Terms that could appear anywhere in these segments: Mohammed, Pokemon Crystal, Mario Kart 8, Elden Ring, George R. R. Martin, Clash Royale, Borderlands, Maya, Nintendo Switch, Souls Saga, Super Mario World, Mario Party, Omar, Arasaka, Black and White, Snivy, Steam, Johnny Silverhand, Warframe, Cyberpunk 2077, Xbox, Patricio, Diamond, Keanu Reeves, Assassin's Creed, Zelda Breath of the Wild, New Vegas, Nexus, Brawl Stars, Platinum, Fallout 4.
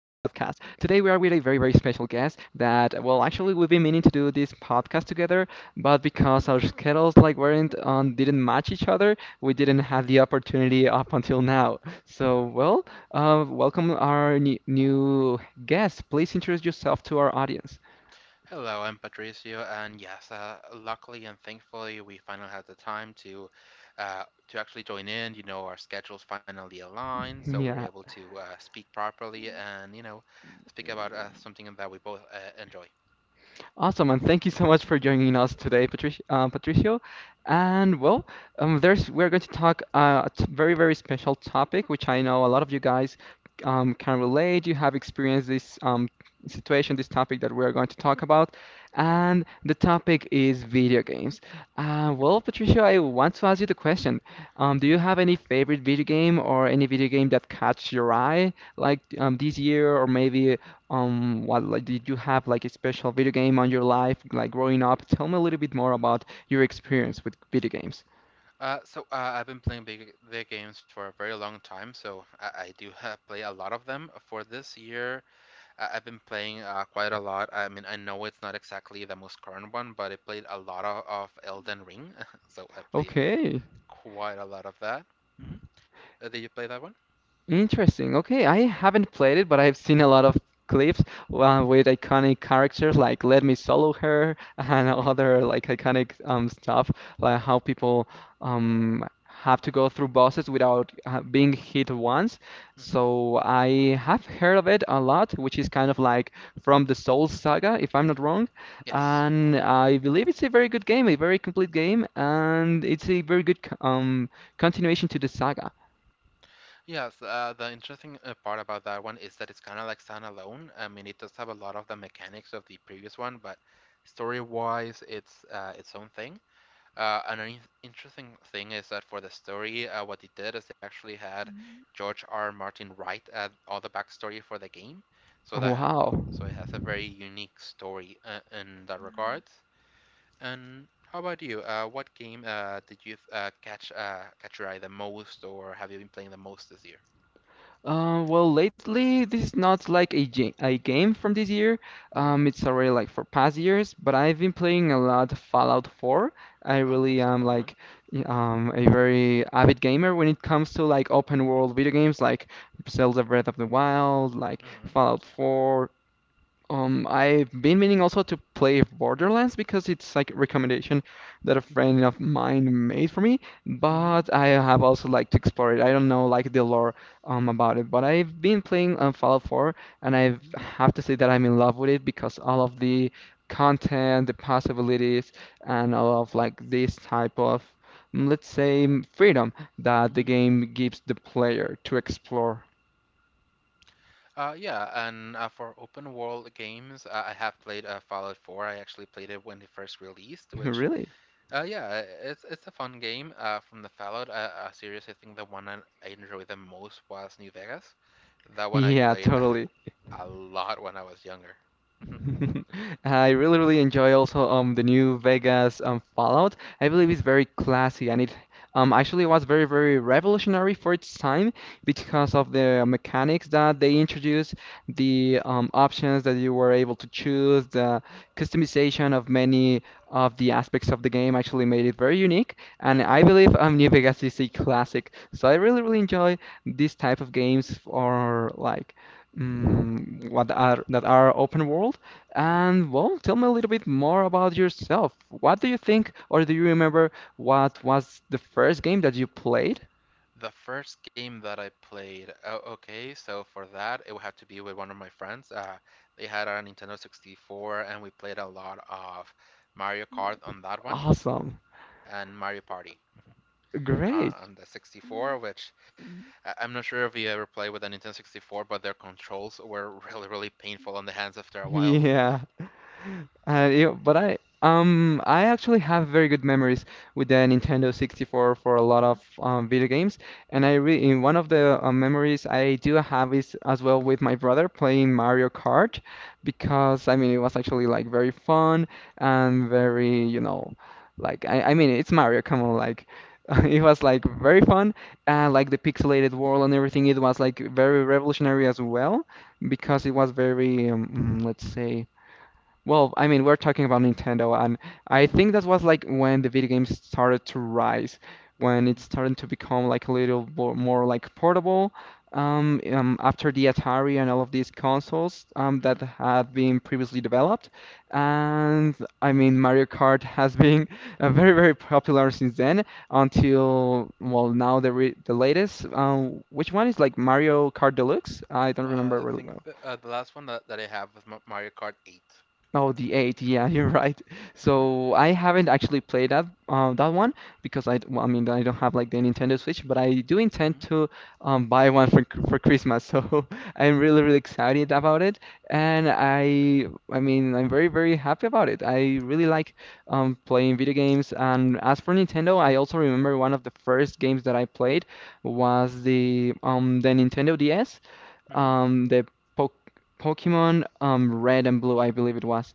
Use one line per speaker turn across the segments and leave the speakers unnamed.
Today, we are with a very, very special guest that, we've been meaning to do this podcast together, but because our schedules weren't on, didn't match each other, we didn't have the opportunity up until now. So, welcome our new guest. Please introduce yourself to our audience.
Hello, I'm Patricio, and yes, luckily and thankfully, we finally had the time to actually join in. You know, our schedules finally aligned, so we were
Yeah.
able to speak properly and speak about something that we both enjoy.
Awesome, and thank you so much for joining us today, Patricio. And well, there's we're going to talk a very very special topic, which I know a lot of you guys can relate. You have experienced this situation, this topic that we're going to talk about, and the topic is video games. Patricio, I want to ask you the question: do you
hmm
have any favorite video game or any video game that catch your eye, like this year or maybe? What did you have like a special video game on your life, like growing up? Tell me a little bit more about your
hmm
experience with video games.
I've been playing big, video games for a very long time, so I do play a lot of them. For this year, I've been playing quite a lot. I mean, I know it's not exactly the most current one, but I played a lot of Elden Ring, so I played
Okay.
quite a lot of that. hmm did you play that one?
Interesting. Okay, I haven't played it, but I've seen a lot of clips with iconic characters like "Let Me Solo Her" and
hmm
other like iconic stuff, like how people have to go through bosses without being hit once.
hmm
So I have heard of it a lot, which is kind of like from the Souls Saga, if I'm not wrong.
Yes.
And I believe it's a very good game, a very complete game, and it's a very good continuation to the saga.
Yes, the interesting part about that one is that it's kind of like standalone. I mean, it does have a lot of the mechanics of the previous one, but story-wise, it's its own thing. An interesting thing is that for the story, what they did is they actually had George R. R. Martin write all the backstory for the game, so that
Wow.
so it has a very unique story in that regard. And how about you? What game did you catch your eye the most, or have you been playing the most this year?
Lately this is not like a game from this year.
Hmm
It's already like for past years, but I've been playing a lot Fallout 4. I
Oh,
really
that's a
am
fun one.
like a very avid gamer when it comes to like open world video games like Zelda Breath of the Wild, like
Hmm
Fallout 4. I've been meaning also to play Borderlands because it's like a recommendation that a
hmm
friend of mine made for me,
hmm
but I have also liked to explore it. I don't know like the lore about it, but I've been playing Fallout 4, and I
hmm
have to say that I'm in love with it because all of the content, the possibilities, and all of like this type of let's say freedom that the
hmm
game gives the player to explore.
Yeah, and for open world games, I have played Fallout 4. I actually played it when it first released, which,
Really?
yeah, it's a fun game from the Fallout series. I think the one I enjoyed the most was New Vegas. That one I
Yeah,
played
totally.
a lot when I was younger.
I really, really enjoy also the new Vegas Fallout. I believe it's
hmm
very classy, and it actually was very, very revolutionary for its time because
hmm
of the mechanics that they introduced, the options that you were able to choose, the customization of many of the aspects of the game actually made it very unique. And
hmm
I believe New Vegas is a classic. So I really, really enjoy this type of games for like. Mm, what are that are open world.
hmm
And well, tell me a little bit more about yourself. What do you think, or do you remember what was the first game that you played?
The first game that I played, oh, okay, so for that, it would have to be with one of my friends. They had a Nintendo 64, and we played a lot of Mario Kart on that one
Awesome.
and Mario Party
Great.
on the 64, which I'm not sure if you ever played with a Nintendo 64, but their controls were really, really painful on the hands after a while.
Yeah. Yeah, but I actually have very good memories with the Nintendo 64 for a lot of
Mhm,
video games, and I re in one of the memories I do have is as well with my brother playing Mario Kart, because I mean it was actually like very fun and
mhm,
very like I mean it's Mario, come on, like it was like very fun, and like the pixelated world and everything it was like very revolutionary as well because it
mhm,
was very let's say. Well, I mean, we're talking about Nintendo, and I think that was like when the video games started to rise, when it
mhm,
started to become like a little more like portable. After the Atari and all of these consoles that
mhm.
had been previously developed, and I mean, Mario Kart has been very, very popular since then until, well, now the latest. Which one is like Mario Kart Deluxe? I don't remember
I
really
think
well.
the last one that I have was Mario Kart 8.
Oh, the eight. Yeah, you're right.
Mm-hmm.
So I haven't actually played that one because I mean, I don't have like the Nintendo Switch, but I do intend to buy one for for Christmas. So I'm really really excited about it, and I mean, I'm very very happy about it. I really like playing video games, and as for Nintendo, I also remember one of the first games that I played was the Nintendo DS,
hmm
the. Pok Pokemon Red and Blue, I believe it was.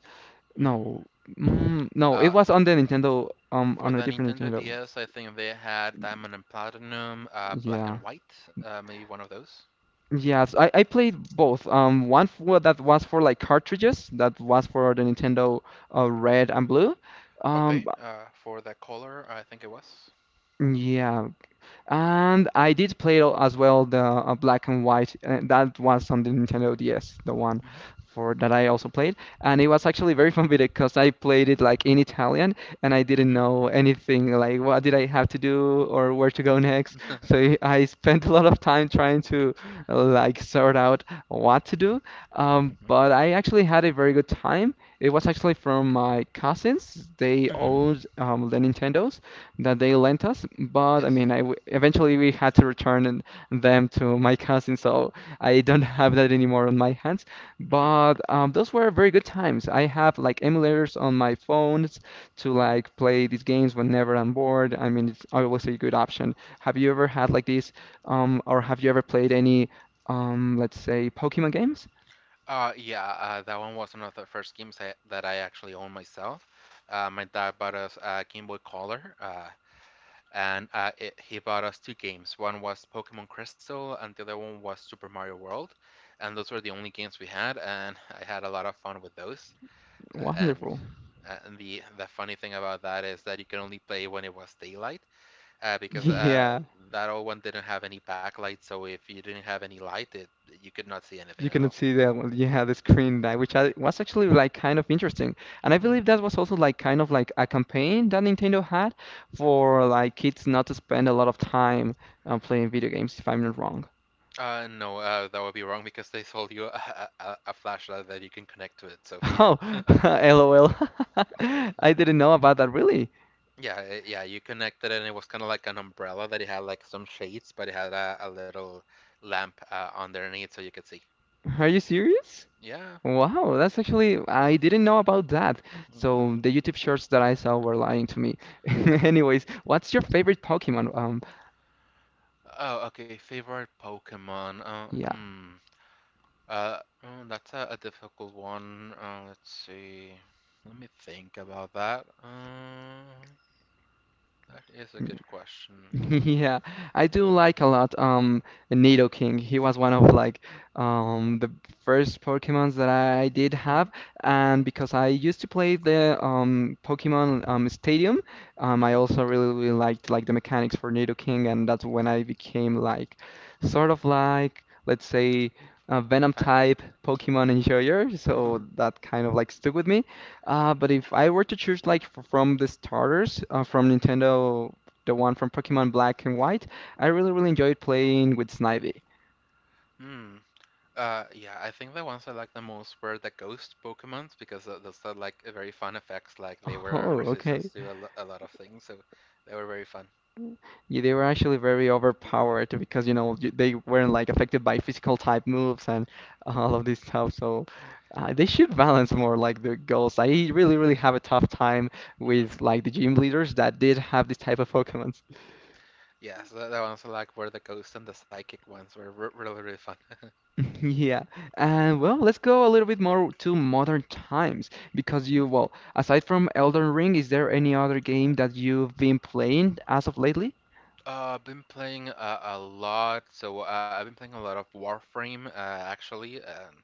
No,
Mm-hmm.
no, it
Uh,
was on the Nintendo,
For
on a
the
different
Nintendo
Nintendo.
DS, I think they had Diamond and Platinum, Black
Yeah.
and White, maybe one of those.
Yes, I played both. One for, that was for like cartridges, that was for the Nintendo Red and Blue. Um,
Okay, for the color, I think it was.
b- yeah, And I did play as well the Black and White. That was on the Nintendo DS, the one
Mm-hmm.
for that I also played. And it was actually very fun video because I played it like in Italian, and I didn't
Mm-hmm.
know anything like what did I have to do or where to go next. So I spent a lot of time trying to like sort out what to do.
mm-hmm.
But I actually had a very good time. It was actually from my cousins. They
Mm-hmm.
owned the Nintendos, that they lent us. But I mean,
Yes.
I w eventually we had to them to my cousin, so I don't have that anymore on my hands. But those were very good times. I have like emulators on my phones to
Mm-hmm.
like play these games whenever I'm bored. I mean, it's always a good option. Have you ever had like or have you ever played any, let's say, Pokemon games?
Yeah, that one was one of the first games that I actually owned myself. My dad bought us a Game Boy Color, he bought us two games. One was Pokemon Crystal, and the other one was Super Mario World. And those were the only games we had, and I had a lot of fun with those. Uh, and
Wonderful.
and the funny thing about that is that you can only play when it was daylight, because
Yeah.
that old one didn't have any backlight, so if you didn't have any light, it you could not see anything
You
at
cannot
all.
see the screen that which was actually like kind of interesting, and I believe that was also like kind of like a campaign that Nintendo had for like kids not to spend a lot of time playing video games, if I'm not wrong.
No, that would be wrong because they sold you a flashlight that you can connect to it. So yeah,
Oh, LOL.
yeah,
I didn't know about that. Really?
yeah. You connected and it was kind of like an umbrella that it had like some shades, but it had a little lamp underneath so you could see.
Are you serious?
Yeah.
Wow, that's actually, I didn't know about that.
hmm
So the YouTube shorts that I saw were lying to me. Anyways, what's your favorite Pokemon?
Oh, okay. Favorite Pokemon.
Yeah.
Hmm. Uh, that's a difficult one. Let's see. Let me think about that. That is a good question.
Yeah, I do
Mm.
like a lot
Mm-hmm.
Nidoking. He was one of like the first Pokemons that I did
Mm-hmm.
have, and because I used to play the Pokemon Stadium, I
Mm-hmm.
also really, really liked like the mechanics for Nidoking, and that's when I became like sort of like, let's say, a Venom
Fine.
type Pokemon enjoyer, so that kind of like stuck with me. But if I were to choose like from the starters from
Mm-hmm.
Nintendo, the one from Pokemon Black and White. I really, really enjoyed playing with Snivy.
Mm-hmm. Mm. Yeah, I think the ones I liked the most were the ghost Pokemons because those had like very fun effects. Like they were
Oh,
resistant
okay.
to a lot of things, so they were very fun.
Yeah, they were actually very overpowered because, you know, they weren't like affected by physical type moves and all of this stuff. So they should balance more like the goals. I really, really have a tough time with like the gym leaders that did have this type of Pokemons.
Yeah, so the ones I liked were the ghost and the psychic ones were really really fun.
Yeah, and well, let's go a little bit more to modern times because you, well, aside from Elden Ring, is there any other game that you've been playing as of lately?
I've been playing a lot, so I've been playing a lot of Warframe, actually. Um,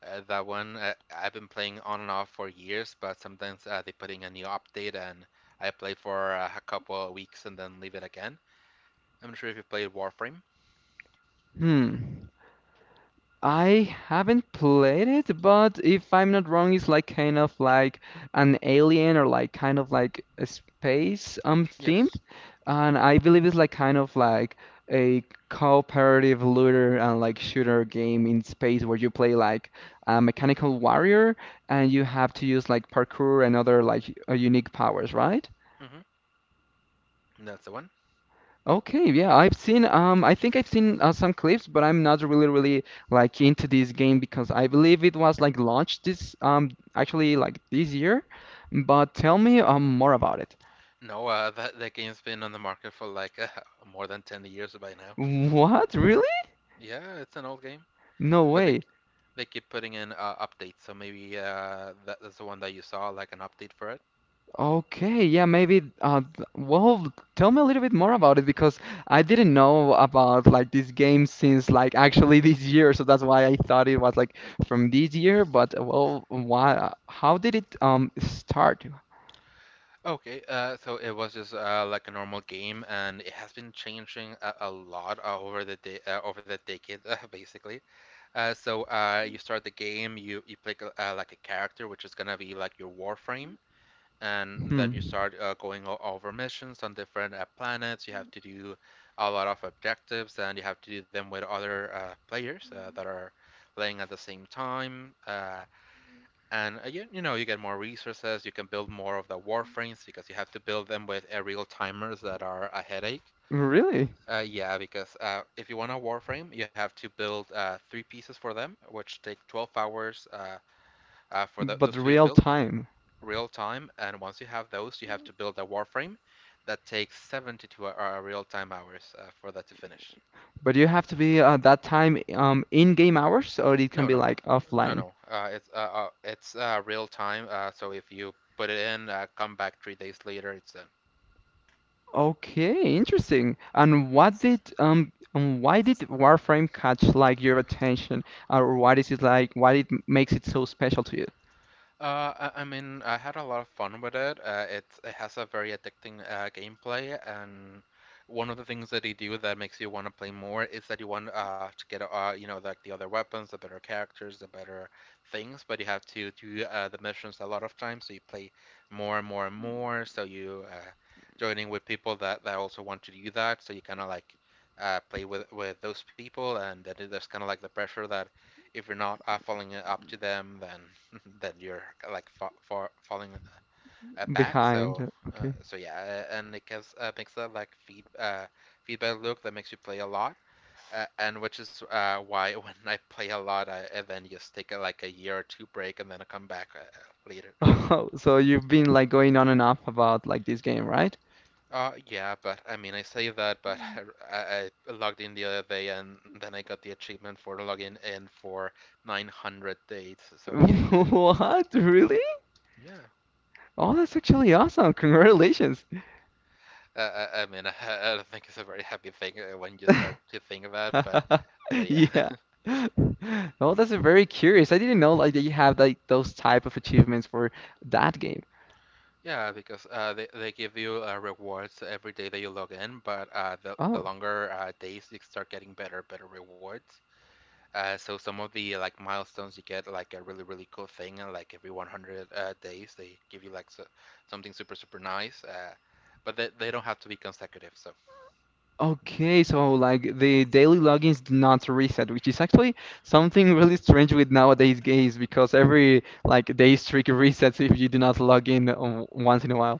uh, That one I've been playing on and off for years, but sometimes they put in a new update and I play for a couple of weeks and then leave it again. I'm not sure if you played Warframe.
Hmm. I haven't played it, but if I'm not wrong, it's like kind of like an alien or like kind of like a space themed,
Yes.
and I believe it's like kind of like a cooperative looter and like shooter game in space where you play like a mechanical
Mm-hmm.
warrior, and you have to use like parkour and other like unique powers, right?
Mm-hmm. That's the one.
Okay, yeah, I've seen. I think I've seen some clips, but I'm not really, really like into this game because I believe it was like launched this actually like this year. But tell me more about it.
No, that game's been on the market for like more than 10 years by now.
What? Really?
Yeah, it's an old game,
No
but
way.
they keep putting in updates, so maybe that's the one that you saw, like an update for it.
Okay, yeah, maybe. Well, tell me a little bit more about it because I didn't know about like this game since like actually this year, so that's why I thought it was like from this year. But well, why? How did it start?
Okay, so it was just like a normal game, and it has been changing a lot over the decade, basically. You start the game, you play like a character, which is gonna be like your Warframe, and
Hmm.
then you start going over missions on different planets. You have to do a lot of objectives, and you have to do them with other players that are playing at the same time. You know, you get more resources. You can build more of the warframes because you have to build them with real timers that are a headache.
Really?
Yeah, because if you want a warframe, you have to build three pieces for them, which take 12 hours for th
But
those to be
real
built
time.
real time, and once you have those, you have to build a warframe that takes 72 real time hours for that to finish.
But you have to be that time in game hours, or it
No,
can be
no,
like
no,
offline.
no. It's real time. So if you put it in, come back 3 days later, it's done.
Okay, interesting. And what did and why did Warframe catch like your attention, or why is it like why makes it so special to you?
I mean, I had a lot of fun with it. It has a very addicting gameplay, and one of the things that they do that makes you want to play more is that you want to get you know like the other weapons, the better characters, the better things. But you have to do the missions a lot of times, so you play more and more and more. So you Joining with people that also want to do that, so you kind of like play with those people, and that is there's kind of like the pressure that if you're not following it up to them, then then you're like falling back.
Behind,
So uh,
okay.
so yeah, and it gives makes that like feedback loop that makes you play a lot, and which is why when I play a lot, I then just take like a year or two break and then I come back later.
Oh, so you've been like going on and off about like this game, right?
Yeah, but I mean I say that, but I logged in the other day and then I got the achievement for logging in for 900 days. So yeah,
What? Really?
yeah.
Oh, that's actually awesome. Congratulations.
I mean, I don't think it's a very happy thing when you start to think about it, but yeah,
Yeah. Oh, that's a very curious. I didn't know like that you have like those type of achievements for that game.
yeah, because they give you rewards every day that you log in, but the
Oh,
longer days you start getting better rewards. So some of the like milestones you get like a really really cool thing, and like every 100 days they give you something super super nice. But They don't have to be consecutive, so. Mhm.
okay. So like the daily logins do not reset, which is actually something really strange with nowadays games because every like day streak resets if you do not log in once in a while.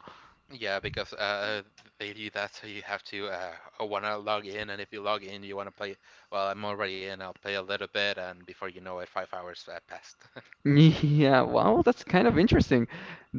Yeah, because they do that, so you have to want to log in, and if you log in, you want to play. Well, I'm already in. I'll play a little bit, and before you know it, 5 hours passed.
Yeah, wow, that's kind of interesting.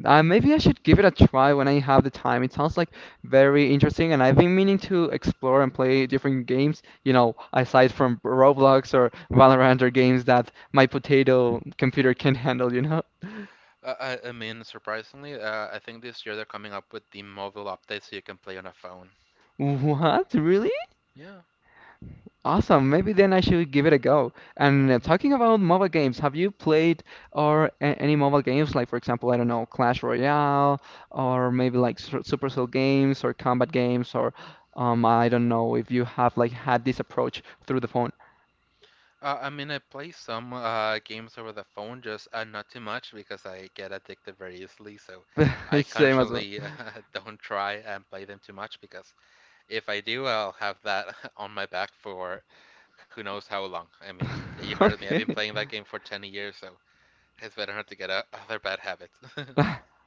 Maybe I should give it a try when I have the time. It sounds like very interesting, and I've been meaning to explore and play different games, you know, aside from Roblox or Valorant or games that my potato computer can handle, you know?
mean, surprisingly, I think this year they're coming up with the mobile update, so you can play on a phone.
What? Really?
Yeah.
Awesome. Maybe then I should give it a go. And
Mhm.
talking about mobile games, have you played or a any mobile games like, for example, I don't know, Clash Royale, or maybe like Supercell games or combat games, or I don't know if you have like had this approach through the phone.
I mean, I play some games over the phone, just not too much because I get addicted very easily. So I
It's same as well.
consciously don't try and play them too much because if I do, I'll have that on my back for who knows how long. I mean, yeah, you heard me. I've
Okay.
been playing that game for 10 years, so it's better not to get out other bad habits.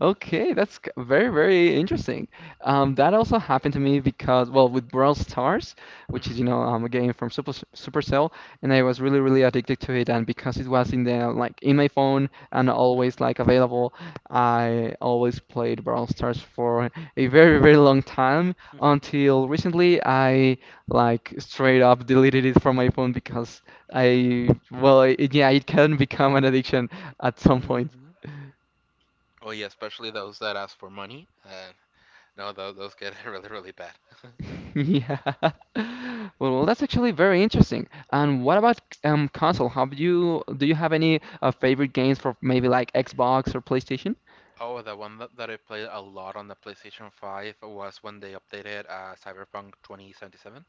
Okay, very, very interesting. That also happened to me because, well, with Brawl Stars, which is,
hmm
you know, a game from Supercell, and I was really, really addicted to it. And because it was in the like in my phone and
hmm
always like available, I always played Brawl Stars for a very, very long time until recently I like straight up deleted it from my phone because yeah, it can become an addiction at some point.
Oh, yeah, especially those that ask for money. No, those get really, really bad.
Yeah. Well, well, that's actually very interesting. And what about console? Have you do you have any favorite games for maybe like Xbox or PlayStation?
Oh, the one that I played a lot on the PlayStation 5 was when they updated Cyberpunk 2077.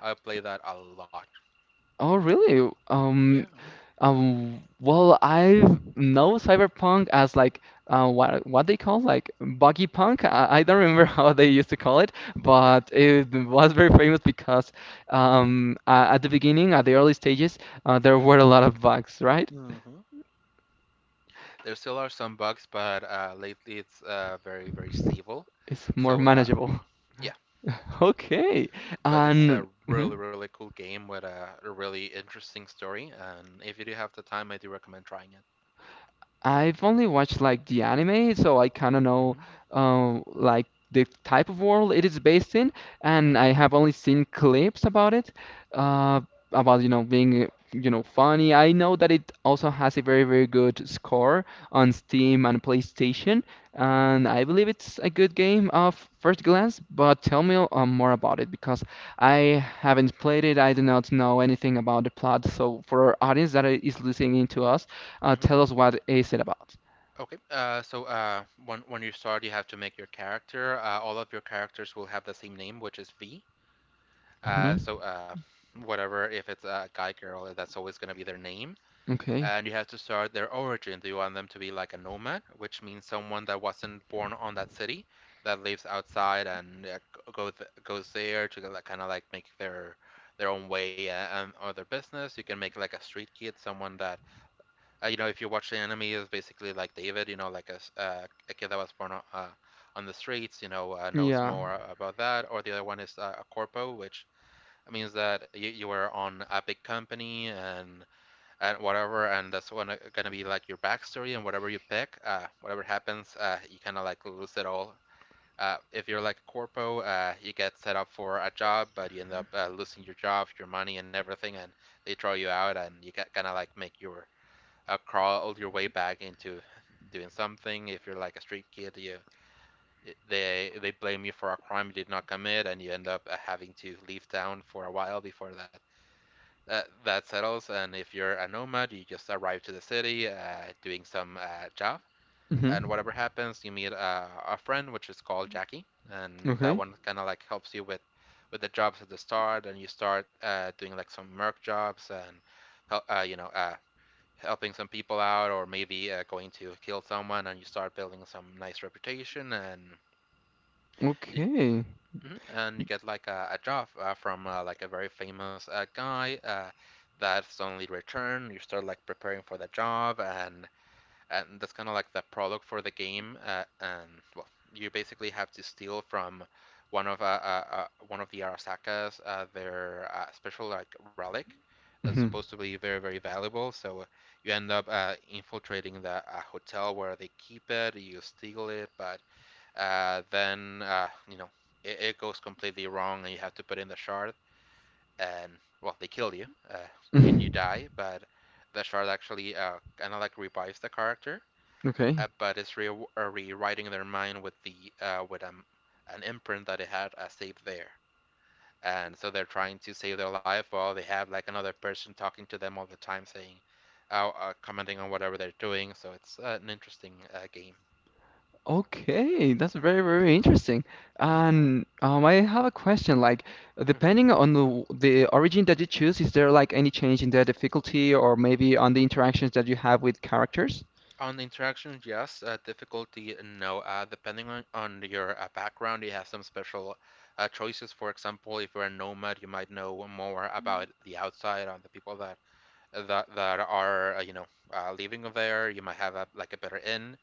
I played that a lot.
Oh, really?
Yeah.
Well, I know Cyberpunk as like what they call like buggy punk. I don't remember how they used to call it, but it was very famous because at the beginning, at the early stages, there
Yeah.
were a lot of bugs, right?
hmm There still are some bugs, but lately it's very, very stable.
It's more
So
manageable.
yeah,
Okay.
but it's
And
a
mhm.
really, really cool game with a really interesting story. And if you do have the time, I do recommend trying it.
I've only watched like the anime, so I kind of know
Hmm
like the type of world it is based in, and
hmm
I have only seen clips about it, uh, about you know being you know funny. I know that it also has a very very good score on Steam and PlayStation,
hmm
and I believe it's a good game of first glance. But tell me more about it because I haven't played it. I do not know anything about the plot. So for our audience that is listening to us. Tell
hmm
us what is it about?
Okay. When you start, you have to make your character. All of your characters will have the same name, which is V. Uh,
Hmm.
so uh, Whatever, if it's a guy, girl, that's always going to be their name.
Okay.
And you have to start their origin. Do you want them to be like a nomad, which means someone that wasn't born on that city, that lives outside and goes there to like, kind of like make their own way and or their business? You can make like a street kid, someone that you know if you watch the anime is basically like David, you know, like a kid that was born on the streets, you know, knows
Yeah.
more about that. Or the other one is a corpo, which means that you were on a big company and whatever, and that's when gonna be like your backstory and whatever you pick, whatever happens, you kind of like lose it all. If you're like a corpo, you get set up for a job, but you end up losing your job, your money, and everything, and they throw you out, and you kind of like make your crawl your way back into doing something. If you're like a street kid, you they blame you for a crime you did not commit, and you end up having to leave town for a while before that settles, and if you're a nomad, you just arrive to the city doing some job,
Hmm.
and whatever happens, you meet a friend, which is called Jackie, and that
Okay.
one kind of like helps you with the jobs at the start, and you start doing like some merc jobs and help, helping some people out, or maybe going to kill someone, and you start building some nice reputation, and you,
Okay.
Mhm. And you get like a job from like a very famous guy that suddenly returned. You start like preparing for the job, and that's kind of like the product for the game. And well, you basically have to steal from one of the Arasakas their special like relic that's
Hmm.
supposed to be very very valuable. So you end up infiltrating the hotel where they keep it. You steal it, but then you know it goes completely wrong, and you have to put in the shard, and well, they kill you. You die, but the shard actually kind of like revives the character,
Okay.
but it's rewriting their mind with the with an imprint that it had saved there. And so they're trying to save their life while they have like another person talking to them all the time, saying, commenting on whatever they're doing. So it's an interesting game.
Okay, that's very, very interesting. And I have a question. Like,
Mm-hmm.
depending on the origin that you choose, is there like any change in the difficulty or maybe on the interactions that you have with characters?
On the interaction, yes. Difficulty, no. Depending on your background, you have some special choices. For example, if you're a nomad, you might know more about the outside on the people that are you know living there. You might have a, like a better in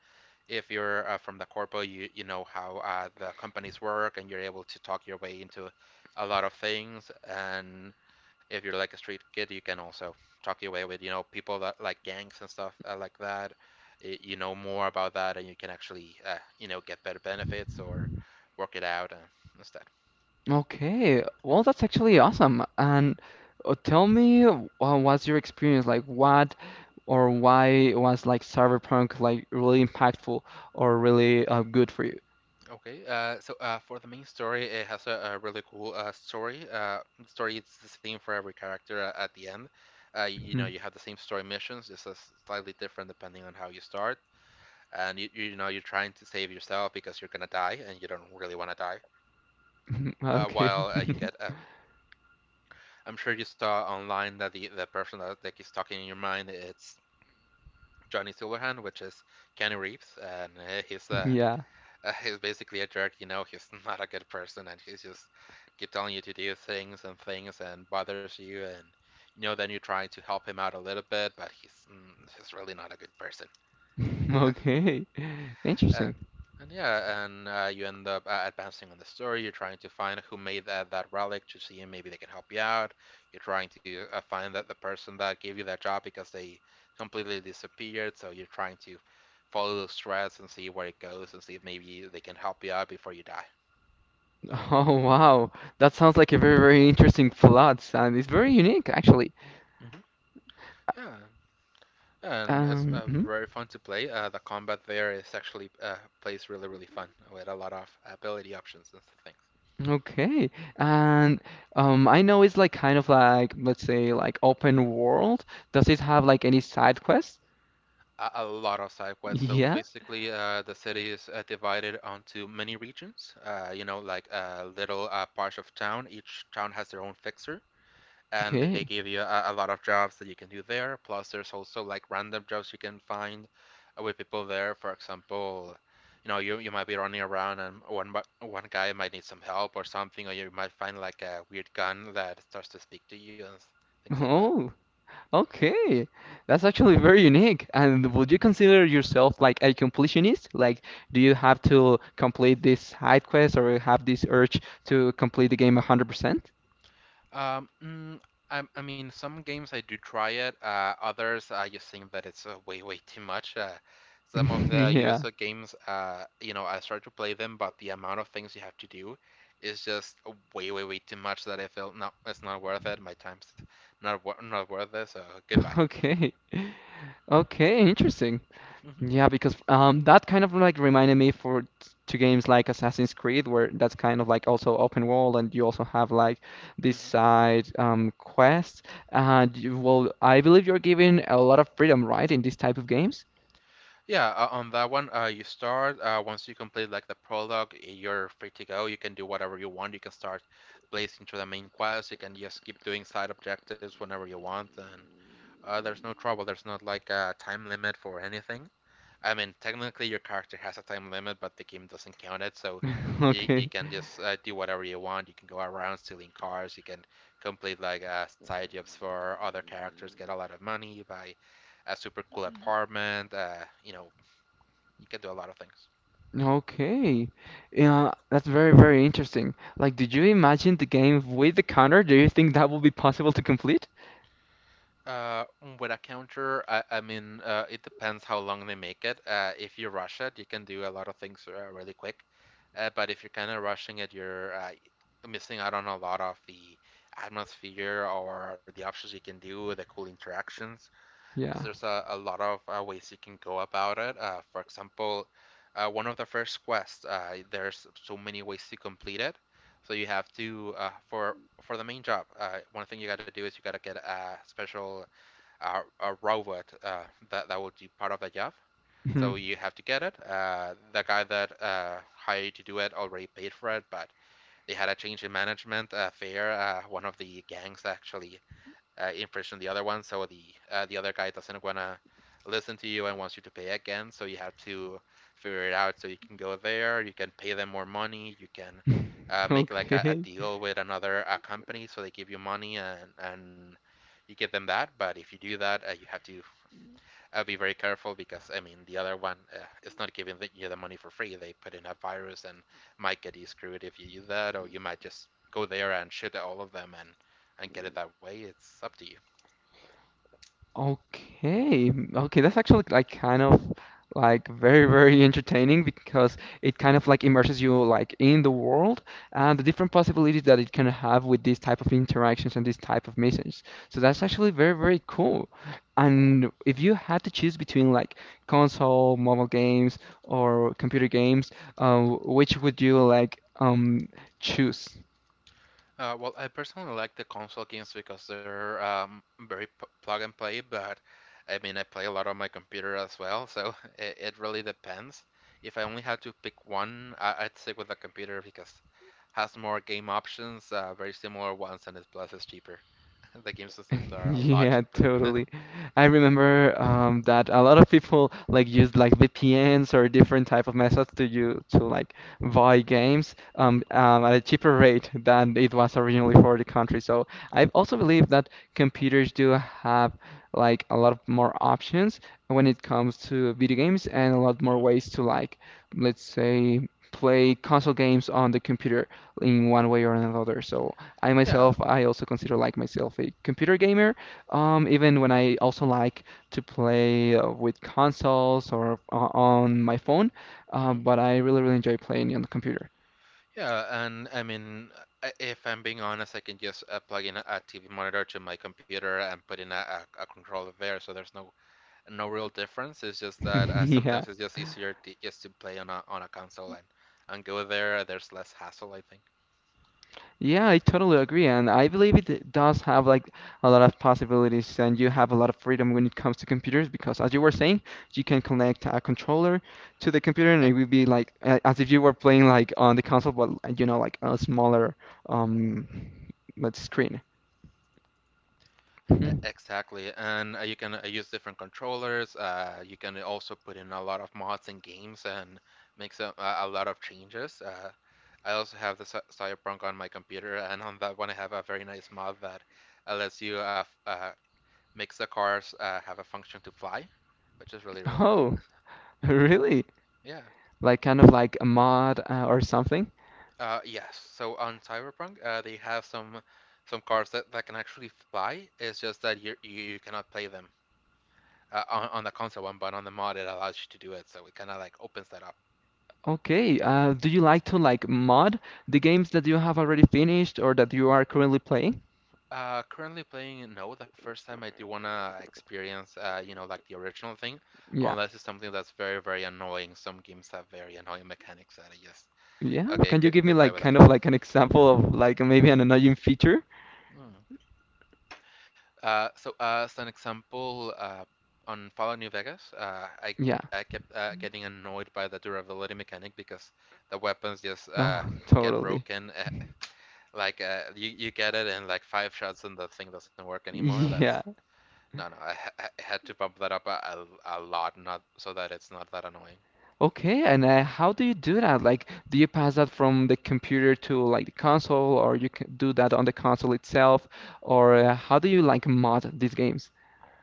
if you're from the corpo, you know how the companies work, and you're able to talk your way into a lot of things. And if you're like a street kid, you can also talk your way with you know people that like gangs and stuff like that. You know more about that, and you can actually you know get better benefits or work it out and stuff.
Okay, well, that's actually awesome. And tell me, what's your experience like? What or why was like Cyberpunk like really impactful or really good for you?
Okay, for the main story, it has a really cool story. The story it's the same for every character at the end. You know,
Mhm.
you have the same story missions, just as slightly different depending on how you start. And you know, you're trying to save yourself because you're gonna die, and you don't really want to die.
Okay.
While You get, I'm sure you saw online that the person that is talking in your mind, it's Johnny Silverhand, which is Keanu Reeves, and
Yeah.
He's basically a jerk, you know, he's not a good person and he's just keep telling you to do things and things and bothers you and you know then you try to help him out a little bit but he's really not a good person.
Okay.
And
Interesting.
and yeah, and you end up advancing on the story. You're trying to find who made that relic to see if maybe they can help you out. You're trying to find that the person that gave you that job because they completely disappeared. So you're trying to follow those threads and see where it goes and see if maybe they can help you out before you die.
Oh wow, that sounds like a very very interesting plot, and it's very unique actually.
Mm-hmm. Yeah, and it's
Hmm?
very fun to play. The combat there is actually plays really, really fun with a lot of ability options and things.
Okay. And I know it's like kind of like, let's say, like open world. Does it
Hmm
have like any side quests?
A lot of side quests. So
Yeah.
basically, the city is divided onto many regions. You know, like a little parts of town. Each town has their own fixer, and they
Okay.
give you a lot of jobs that you can do there. Plus, there's also like random jobs you can find with people there. For example, you know, you might be running around and one guy might need some help or something, or you might find like a weird gun that starts to speak to you and things like that.
Oh, okay. That's actually very unique. And would you consider yourself like a completionist? Like, do you have to complete this side quest or have this urge to complete the game 100%?
Um, mm, I mean, some games I do try it. Others I just think that it's way, way too much. Some of the
Yeah.
USA games, you know, I start to play them, but the amount of things you have to do is just way, way, way too much that I feel no, it's not worth it. My time's not worth it. So goodbye.
Okay. Okay, interesting.
Hmm
Yeah, because that kind of like reminded me to games like Assassin's Creed, where that's kind of like also open world, and you also have like this
hmm
side quest. And well, I believe you're given a lot of freedom, right, in these type of games?
Yeah, on that one, you start once you complete like the prologue, you're free to go. You can do whatever you want. You can start blazing through the main quest. You can just keep doing side objectives whenever you want, and there's no trouble. There's not like a time limit for anything. I mean, technically your character has a time limit, but the game doesn't count it, so
Okay,
you can just do whatever you want. You can go around stealing cars. You can complete like side jobs for other characters, get a lot of money. Buy a super cool apartment, you know, you can do a lot of things.
okay, yeah, that's very very interesting. Like, did you imagine the game with the counter? Do you think that will be possible to complete?
Uh, with a counter, I mean, it depends how long they make it. If you rush it, you can do a lot of things really quick. But if you're kind of rushing it, you're missing out on a lot of the atmosphere or the options you can do, the cool interactions. Because
Yeah.
there's a lot of ways you can go about it. For example, one of the first quests, there's so many ways to complete it. So you have to for the main job, one thing you got to do is you got to get a special a robot that will do part of the job. So
Mhm.
you have to get it. The guy that hired you to do it already paid for it, but they had a change in management. Fair, one of the gangs, actually imprisoned the other one, so the other guy doesn't wanna listen to you and wants you to pay again. So you have to figure it out. So you can go there, you can pay them more money, you can make like a
Okay.
deal with another company, so they give you money and you give them that. But if you do that, you have to I'll be very careful, because I mean the other one, it's not giving you the money for free. They put in a virus and might get you screwed if you do that, or you might just go there and shoot at all of them and get it that way. It's up to you.
Okay, okay, that's actually like kind of like very, very entertaining because it kind of like immerses you like in the world and the different possibilities that it can have with these type of interactions and these type of missions. So that's
Mhm.
actually very, very cool. And if you had to choose between like console, mobile games, or computer games, which would you like choose?
Well, I personally like the console games because they're very p plug and play, but I mean, I play a lot on my computer as well, so it really depends. If I only had to pick one, I'd stick with the computer because has more game options, very similar ones, and it plus is cheaper. The games on Steam are a lot
Yeah,
cheaper.
totally. I remember that a lot of people like used like VPNs or different type of methods to like buy games at a cheaper rate than it was originally for the country. So I also believe that computers do have like a lot of more options when it comes to video games and a lot more
Hmm.
ways to like let's say play console games on the computer in one way or another. So I
Yeah.
myself, I also consider like myself a computer gamer, even when I also like to play with consoles or on my phone,
Hmm.
but I really, really enjoy playing on the computer.
Yeah, and I mean, if I'm being honest, I can just plug in a TV monitor to my computer and put in a controller there, so there's no no real difference. It's just that
Yeah.
sometimes it's just easier to, just to play on a console and go there. There's less hassle, I think.
Yeah, I totally agree, and I believe it does have like a lot of possibilities, and you have a lot of freedom when it comes to computers because, as you were saying, you can connect a controller to the computer, and
Yeah,
it will be like as if you were playing like on the console, but you know, like a smaller um, let's screen. Mhm.
exactly. And you can use different controllers. You can also put in a lot of mods and games and make some, a lot of changes. I also have the Cyberpunk on my computer, and on that one I have a very nice mod that lets you makes the cars have a function to fly, which is really really cool.
Oh, really?
Yeah.
Like kind of like a mod or something?
Yes. So on Cyberpunk, they have some cars that can actually fly. It's just that you cannot play them on the console one, but on the mod it allows you to do it. So it kind of like opens that up.
Okay. Do you like to like mod the games that you have already finished or that you are currently playing?
Currently playing, no. The first time I do wanna experience, you know, like the original thing,
Yeah.
unless it's something that's very very annoying. Some games have very annoying mechanics that I just
Yeah.
okay,
Can you
good
give me
goodbye
like
with that.
kind of like an example of like maybe an annoying feature?
Hmm. So as an example, on Fallout New Vegas,
Yeah.
I kept getting annoyed by the durability mechanic because the weapons just
No,
get
totally.
broken. Like, you get it in like five shots and the thing doesn't work anymore. That's
Yeah.
no no. I had to bump that up a lot, not so that it's not that annoying.
Okay. And how do you do that? Like, do you pass that from the computer to like the console, or you can do that on the console itself, or how do you like mod these games?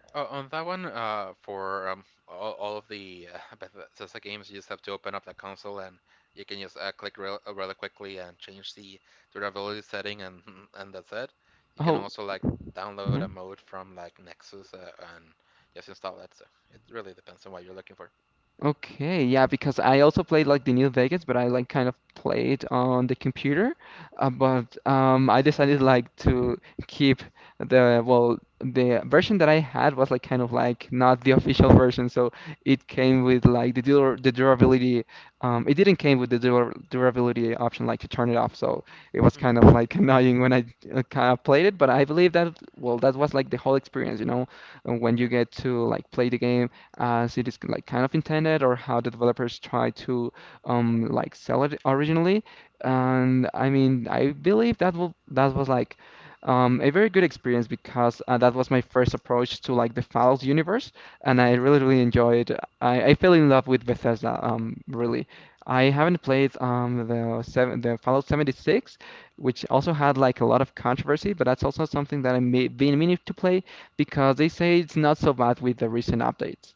On that one, for all of the Bethesda games, you just have to open up the console and you can just click really quickly and change the durability setting, and and that's it. You can
Oh,
also like download a
mhm.
mode from like Nexus, and just install it. So it really depends on what you're looking for.
Okay, yeah, because I also played like the New Vegas, but I like kind of played on the computer.
Mm-hmm.
But I decided like to keep the well, the version that I had was like kind of like not the official version, so it came with like the durability. It didn't came with the dur durability option like to turn it off, so it was
Mm-hmm.
kind of like annoying when I kind of played it. But I believe that well, that was like the whole experience, you know, when
Yeah.
you get to like play the game as it is like kind of intended or how the developers try to like sell it originally.
Mm-hmm.
And I mean, I believe that will that was like a very good experience because that was my first approach to like the Fallout universe, and I
Hmm.
really really enjoyed. I fell in love with Bethesda. Really, I haven't played the Fallout 76, which also had like a lot of controversy, but that's also something that
Mm-hmm.
I may been meaning to play because they say it's not so bad with the recent updates.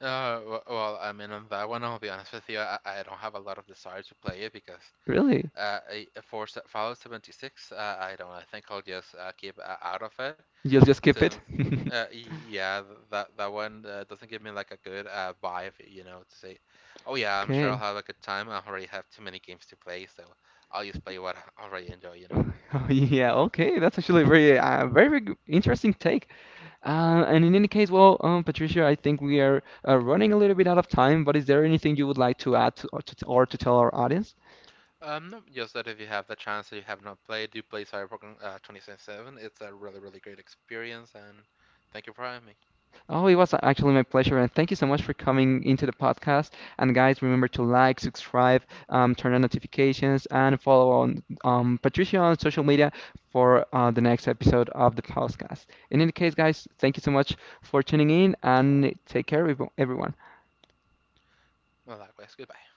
Well, I mean, on that one, I'll be honest with you. I don't have a lot of desire to play it because
Really?
Uh, for Fallout 76, I don't know. I think I'll just keep out of it
You'll just skip
since,
it?
yeah, that one doesn't give me like a good vibe, you know, to say, oh yeah, I'm sure I'll
Okay.
have a good time. I already have too many games to play, so I'll just play what I already enjoy, you know.
Oh, yeah, okay. That's actually very, interesting take. And in any case, well, Patricia, I think we are running a little bit out of time, but is there anything you would like to add to tell our audience?
No, just that if you have the chance that you have not played, do play Cyberpunk, 2077. It's a really, really great experience, and thank you for having me.
Oh, it was actually my pleasure, and thank you so much for coming into the podcast. And guys, remember to like, subscribe, turn on notifications, and follow on Patricia on social media for the next episode of the podcast. In any case, guys, thank you so much for tuning in, and take care, everyone.
Well, likewise, goodbye.